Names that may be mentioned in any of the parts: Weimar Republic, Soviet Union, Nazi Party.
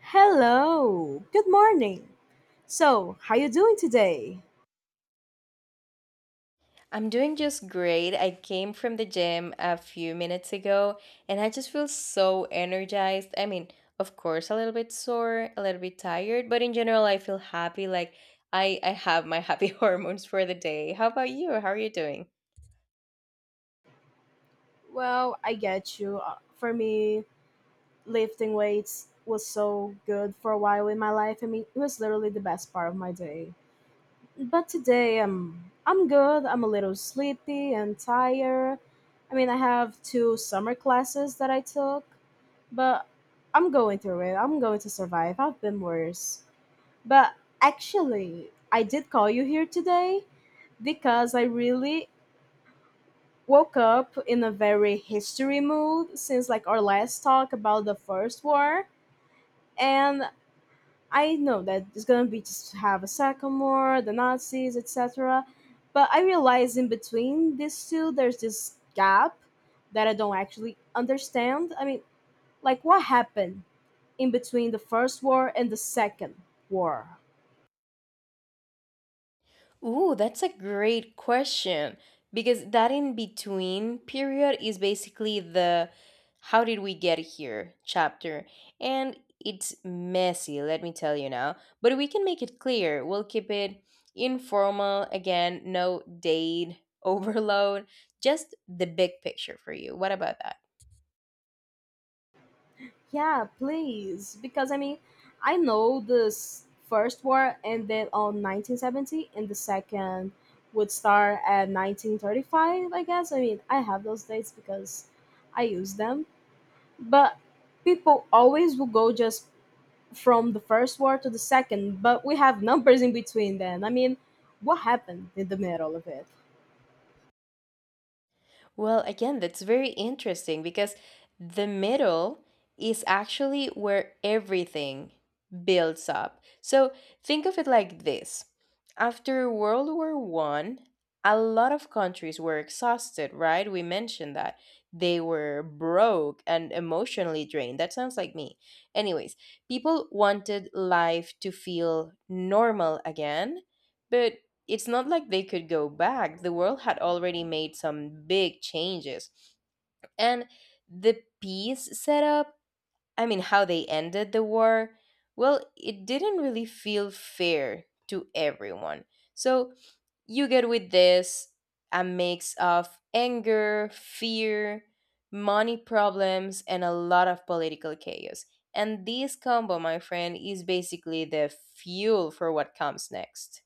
Hello. Good morning. So, how you doing today? I'm doing just great. I came from the gym a few minutes ago and I just feel so energized. I mean, of course, a little bit sore, a little bit tired, but in general, I feel happy. Like I have my happy hormones for the day. How about you? How are you doing? Well, I get you. For me, lifting weights was so good for a while in my life. I mean, it was literally the best part of my day. But today, I'm good. I'm a little sleepy and tired. I mean, I have two summer classes that I took, but I'm going through it. I'm going to survive. I've been worse. But actually, I did call you here today because I really woke up in a very history mood since like our last talk about the first war, and I know that there's gonna be just have a second war, the Nazis, etc. But I realize in between these two, there's this gap that I don't actually understand. I mean, like what happened in between the first war and the second war? Ooh, that's a great question because that in between period is basically the how did we get here chapter. And it's messy, let me tell you now, but we can make it clear. We'll keep it informal again, no date overload, just the big picture for you. What about that? Yeah, please. Because I mean, I know this first war ended on 1970 and the second would start at 1935, I guess. I mean, I have those dates because I use them. But people always will go just from the first war to the second, but we have numbers in between then. I mean, what happened in the middle of it? Well, again, that's very interesting because the middle is actually where everything builds up. So think of it like this. After World War One, a lot of countries were exhausted, right? We mentioned that. They were broke and emotionally drained. That sounds like me. Anyways, people wanted life to feel normal again, but it's not like they could go back. The world had already made some big changes. And the peace setup, I mean, how they ended the war, well, it didn't really feel fair to everyone. So you get with this a mix of anger, fear, money problems, and a lot of political chaos. And this combo, my friend, is basically the fuel for what comes next.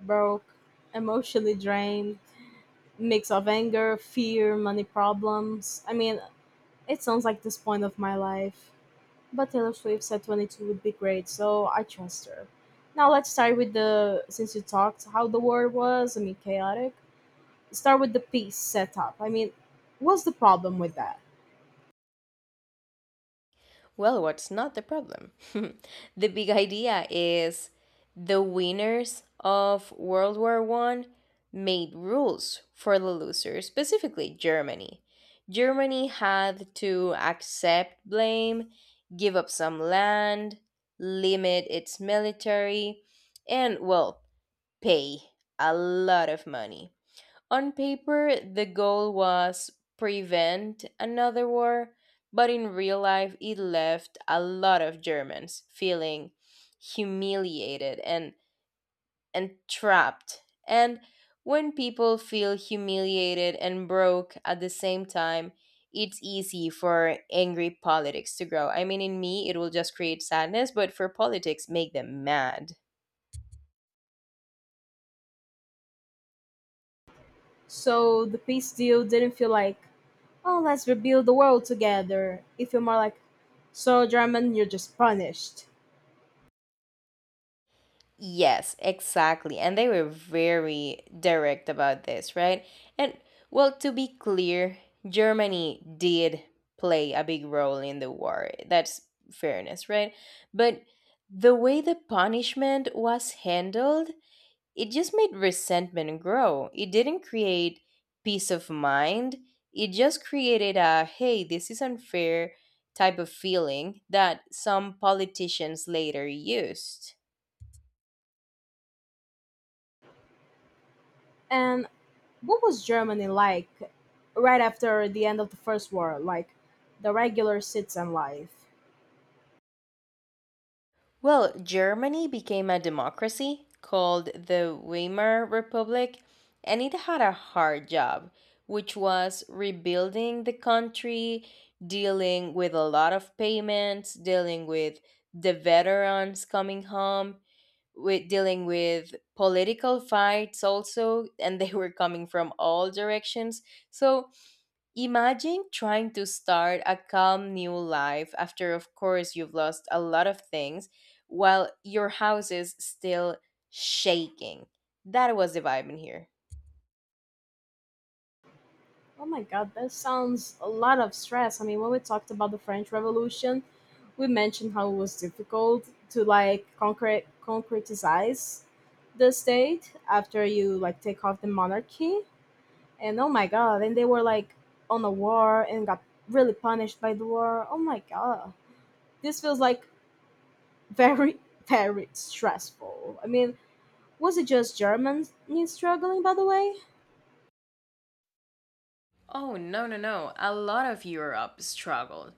Broke, emotionally drained, mix of anger, fear, money problems. I mean, it sounds like this point of my life. But Taylor Swift said 22 would be great, so I trust her. Now let's start with the since you talked how the war was, I mean chaotic. Start with the peace setup. I mean, what's the problem with that? Well, what's not the problem? The big idea is the winners of World War One made rules for the losers, specifically Germany. Germany had to accept blame, give up some land, limit its military, and well, pay a lot of money. On paper, the goal was prevent another war, but in real life, it left a lot of Germans feeling humiliated and trapped. And when people feel humiliated and broke at the same time, it's easy for angry politics to grow. I mean, in me, it will just create sadness, but for politics, make them mad. So the peace deal didn't feel like, oh, let's rebuild the world together. It felt more like, so German, you're just punished. Yes, exactly. And they were very direct about this, right? And well, to be clear, Germany did play a big role in the war. That's fairness, right? But the way the punishment was handled, it just made resentment grow. It didn't create peace of mind. It just created a hey, this is unfair type of feeling that some politicians later used. And what was Germany like right after the end of the First War, like the regular citizen life? Well, Germany became a democracy called the Weimar Republic, and it had a hard job, which was rebuilding the country, dealing with a lot of payments, dealing with the veterans coming home, with dealing with political fights also, and they were coming from all directions. So imagine trying to start a calm new life after, of course, you've lost a lot of things while your house is still shaking. That was the vibe in here. Oh my god, that sounds a lot of stress. I mean, when we talked about the French Revolution, we mentioned how it was difficult to like concrete concretize the state after you like take off the monarchy. And oh my god, and they were like on a war and got really punished by the war. Oh my god. This feels like very very stressful. I mean, was it just Germans struggling by the way? Oh, no, no, no. A lot of Europe struggled.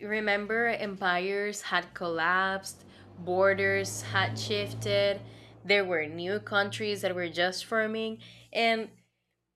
Remember, empires had collapsed, borders had shifted, there were new countries that were just forming, and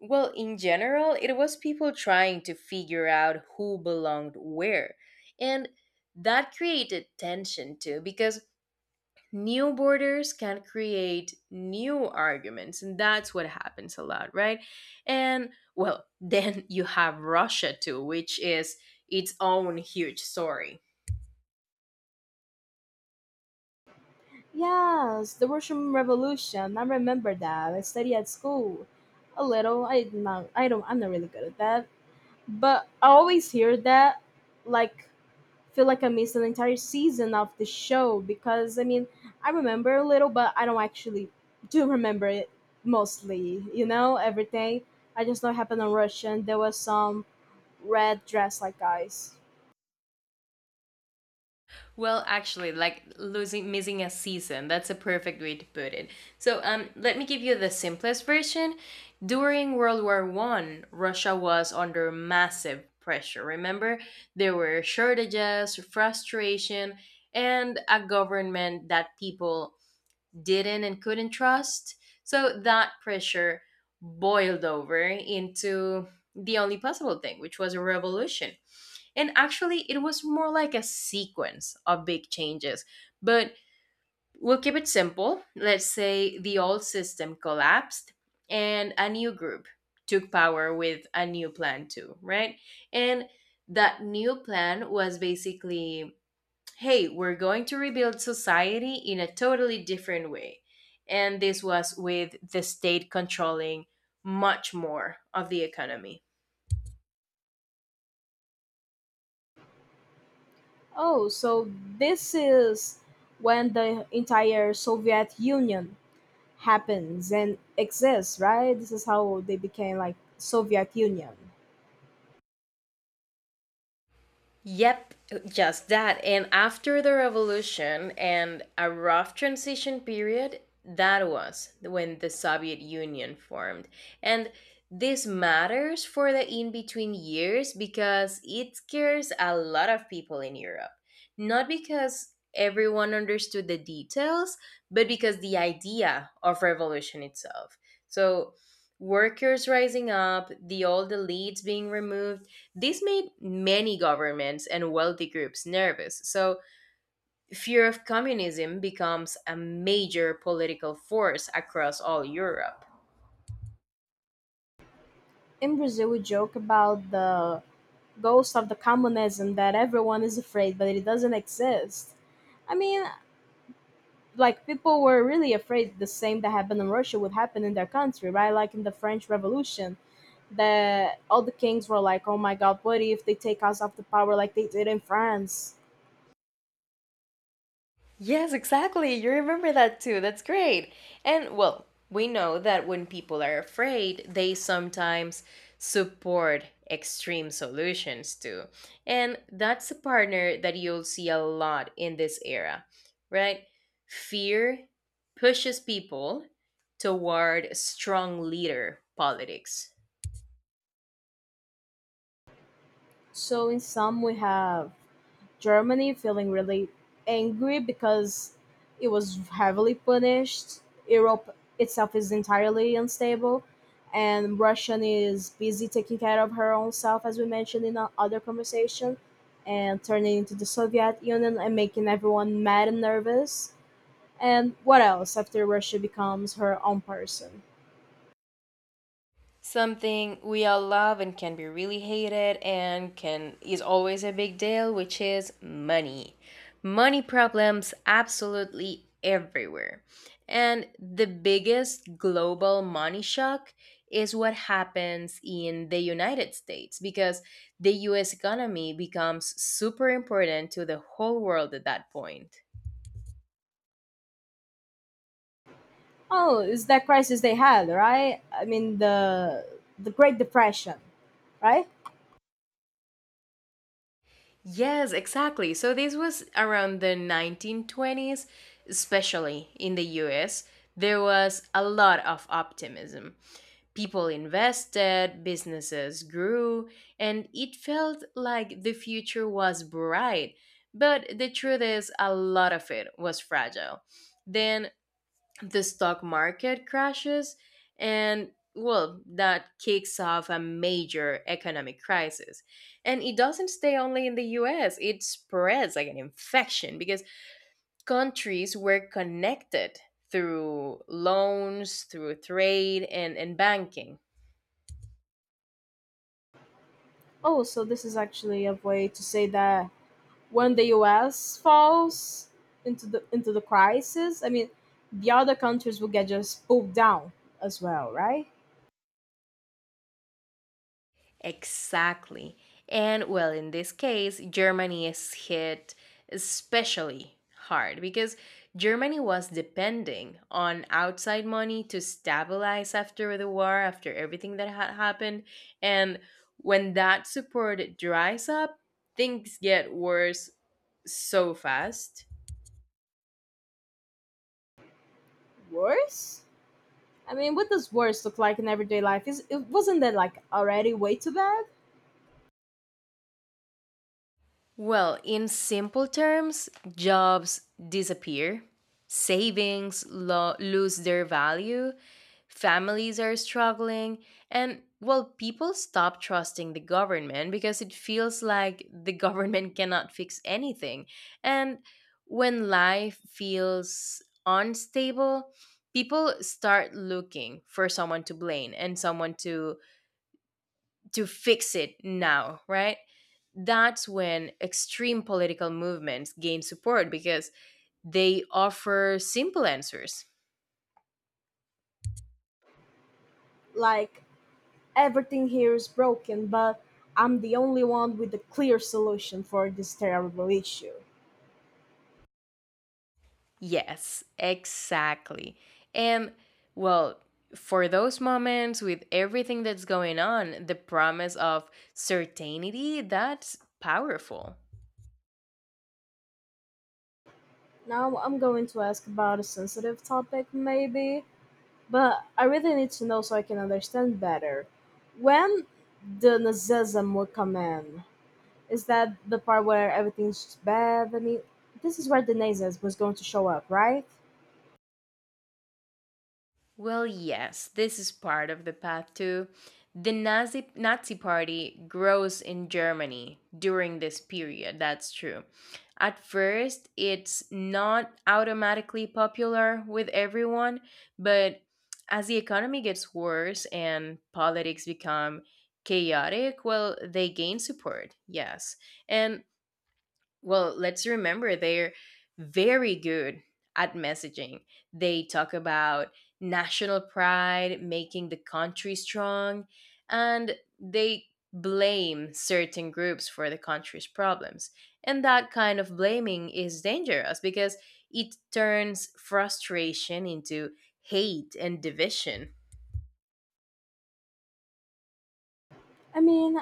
well, in general, it was people trying to figure out who belonged where. And that created tension too, because new borders can create new arguments. And that's what happens a lot, right? And well, then you have Russia too, which is its own huge story. Yes, the Russian Revolution. I remember that. I studied at school a little. I'm not really good at that. But I always hear that like feel like I missed an entire season of the show because I mean I remember a little but I don't actually do remember it mostly, everything. I just know it happened on Russian. There was some red dress like guys. Well, actually, like losing missing a season. That's a perfect way to put it. So, let me give you the simplest version. During World War One, Russia was under massive pressure. Remember, there were shortages, frustration, and a government that people didn't and couldn't trust. So that pressure boiled over into the only possible thing, which was a revolution. And actually, it was more like a sequence of big changes. But we'll keep it simple. Let's say the old system collapsed and a new group took power with a new plan, too, right? And that new plan was basically hey, we're going to rebuild society in a totally different way. And this was with the state controlling much more of the economy. Oh, so this is when the entire Soviet Union happens and exists, right? This is how they became like Soviet Union. Yep, just that. And after the revolution and a rough transition period, that was when the Soviet Union formed. And this matters for the in between years because it scares a lot of people in Europe. Not because everyone understood the details, but because the idea of revolution itself. So, workers rising up, the old elites being removed, this made many governments and wealthy groups nervous, so fear of communism becomes a major political force across all Europe. In Brazil, we joke about the ghost of the communism that everyone is afraid, but it doesn't exist. I mean, like people were really afraid the same that happened in Russia would happen in their country, right? Like in the French Revolution, that all the kings were like, "Oh my God, what if they take us off the power like they did in France?" Yes, exactly. You remember that too. That's great. And well, we know that when people are afraid, they sometimes support extreme solutions too. And that's a partner that you'll see a lot in this era, right? Fear pushes people toward strong leader politics, So in sum, we have Germany feeling really angry because it was heavily punished. Europe itself is entirely unstable, and Russian is busy taking care of her own self, as we mentioned in our other conversation, and turning into the Soviet Union and making everyone mad and nervous. And what else after Russia becomes her own person? something we all love and can be really hated and can is always a big deal, which is money. Money problems absolutely everywhere, and the biggest global money shock is what happens in the United States because the US economy becomes super important to the whole world at that point. Oh, it's that crisis they had, right? I mean the Great Depression, right? Yes, exactly. So this was around the 1920s, especially in the US. There was a lot of optimism. People invested, businesses grew, and it felt like the future was bright. But the truth is, a lot of it was fragile. Then the stock market crashes and well, that kicks off a major economic crisis, and it doesn't stay only in the US. It spreads like an infection because countries were connected through loans, through trade, and banking. Oh, so this is actually a way to say that when the U.S. falls into the crisis, I mean, the other countries will get just pulled down as well, right? Exactly. And well, in this case, Germany is hit especially hard because Germany was depending on outside money to stabilize after the war, after everything that had happened. And when that support dries up, things get worse so fast. Worse. I mean, what does worse look like in everyday life? Is it wasn't that like already way too bad? Well, in simple terms, jobs disappear, savings lose their value, families are struggling, and well, people stop trusting the government because it feels like the government cannot fix anything. And when life feels unstable, people start looking for someone to blame and someone to fix it now, right? That's when extreme political movements gain support because they offer simple answers. Like everything here is broken, but I'm the only one with a clear solution for this terrible issue. Yes, exactly. And well, for those moments with everything that's going on, the promise of certainty, that's powerful. Now I'm going to ask about a sensitive topic, maybe. But I really need to know so I can understand better. When the Nazism will come in, is that the part where everything's bad? I mean, this is where the Nazism was going to show up, right? Well, yes, this is part of the path too. The Nazi Party grows in Germany during this period, that's true. At first, it's not automatically popular with everyone, but as the economy gets worse and politics become chaotic, well, they gain support, yes. And well, let's remember they're very good at messaging. They talk about national pride, making the country strong, and they blame certain groups for the country's problems. And that kind of blaming is dangerous because it turns frustration into hate and division. I mean,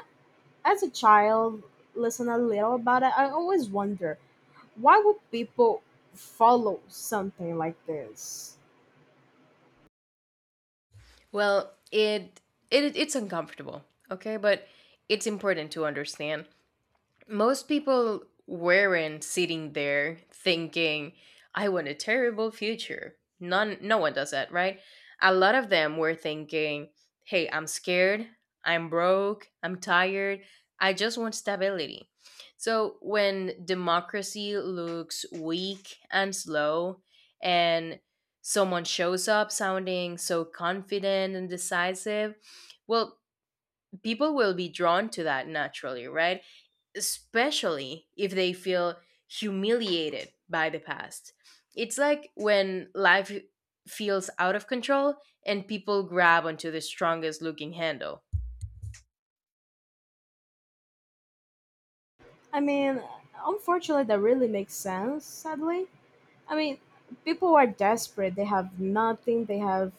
as a child, listen a little about it. I always wonder why would people follow something like this? Well, it's uncomfortable, okay? But it's important to understand most people weren't sitting there thinking, I want a terrible future. None, no one does that, right? A lot of them were thinking, hey, I'm scared, I'm broke, I'm tired, I just want stability. So when democracy looks weak and slow, and someone shows up sounding so confident and decisive, well, people will be drawn to that naturally, right? Especially if they feel humiliated by the past. It's like when life feels out of control and people grab onto the strongest looking handle. I mean, unfortunately, that really makes sense, sadly. I mean, people are desperate. They have nothing. They have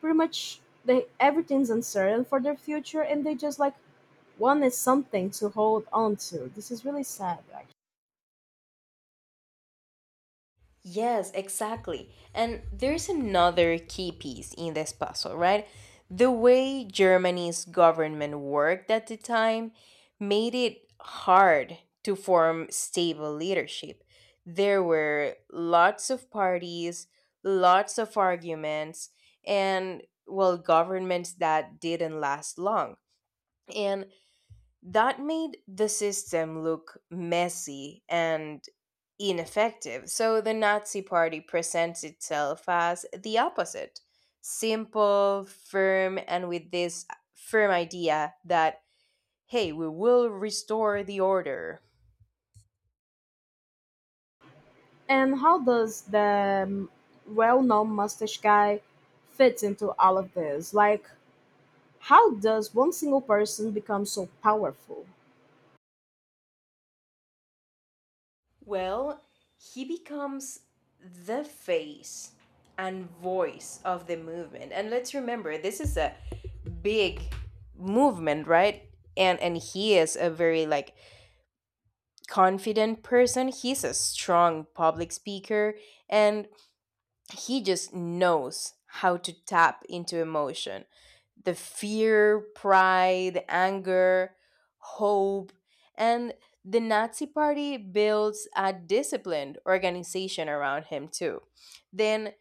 pretty much they everything's uncertain for their future and they just like wanted something to hold on to. This is really sad actually. Yes, exactly. And there's another key piece in this puzzle, right? The way Germany's government worked at the time made it hard to form stable leadership. There were lots of parties, lots of arguments, and, well, governments that didn't last long. And that made the system look messy and ineffective. So the Nazi Party presents itself as the opposite, simple, firm, and with this firm idea that, hey, we will restore the order. And how does the well-known mustache guy fit into all of this? Like how does one single person become so powerful? Well, he becomes the face and voice of the movement. And let's remember, this is a big movement, right? And he is a very like confident person. He's a strong public speaker and he just knows how to tap into emotion. The fear, pride, anger, hope, and the Nazi party builds a disciplined organization around him too. Then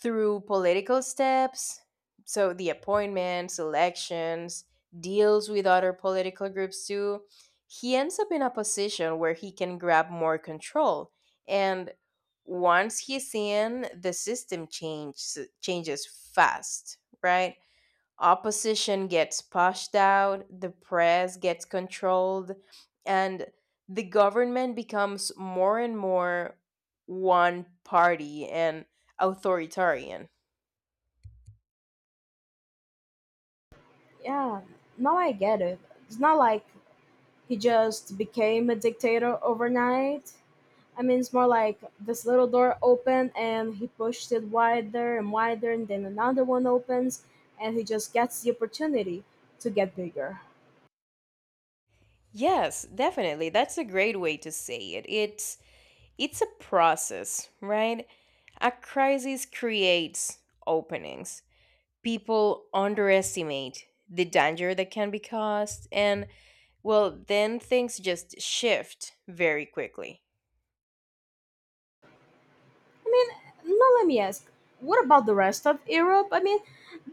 through political steps, so the appointments, elections, deals with other political groups too, he ends up in a position where he can grab more control. And once he's in, the system changes fast, right? Opposition gets pushed out, the press gets controlled, and the government becomes more and more one party and authoritarian. Yeah, now I get it. It's not like he just became a dictator overnight. I mean, it's more like this little door opened and he pushed it wider and wider, and then another one opens and he just gets the opportunity to get bigger. Yes, definitely. That's a great way to say it. It's a process, right? A crisis creates openings. People underestimate the danger that can be caused and well, then things just shift very quickly. I mean, now let me ask, what about the rest of Europe? I mean,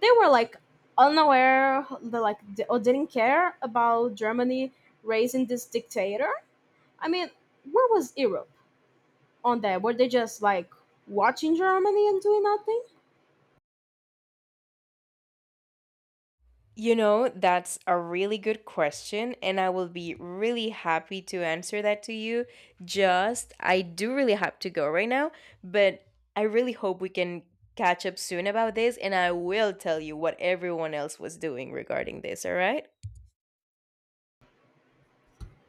they were like unaware, they like or didn't care about Germany raising this dictator. I mean, where was Europe on that? Were they just like watching Germany and doing nothing? You know, that's a really good question, and I will be really happy to answer that to you. Just, I do really have to go right now, but I really hope we can catch up soon about this, and I will tell you what everyone else was doing regarding this, all right?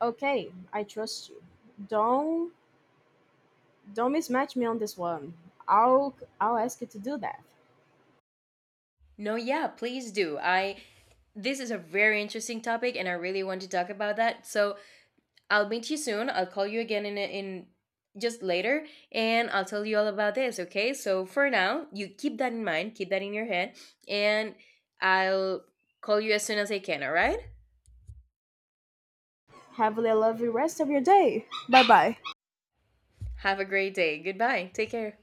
Okay, I trust you. Don't Don't mismatch me on this one. I'll I'll ask you to do that. No, yeah, please do. I This is a very interesting topic and I really want to talk about that. So I'll meet you soon. I'll call you again in just later and I'll tell you all about this, okay? So for now, you keep that in mind, keep that in your head, and I'll call you as soon as I can, all right? Have a lovely rest of your day. Bye bye. Have a great day. Goodbye. Take care.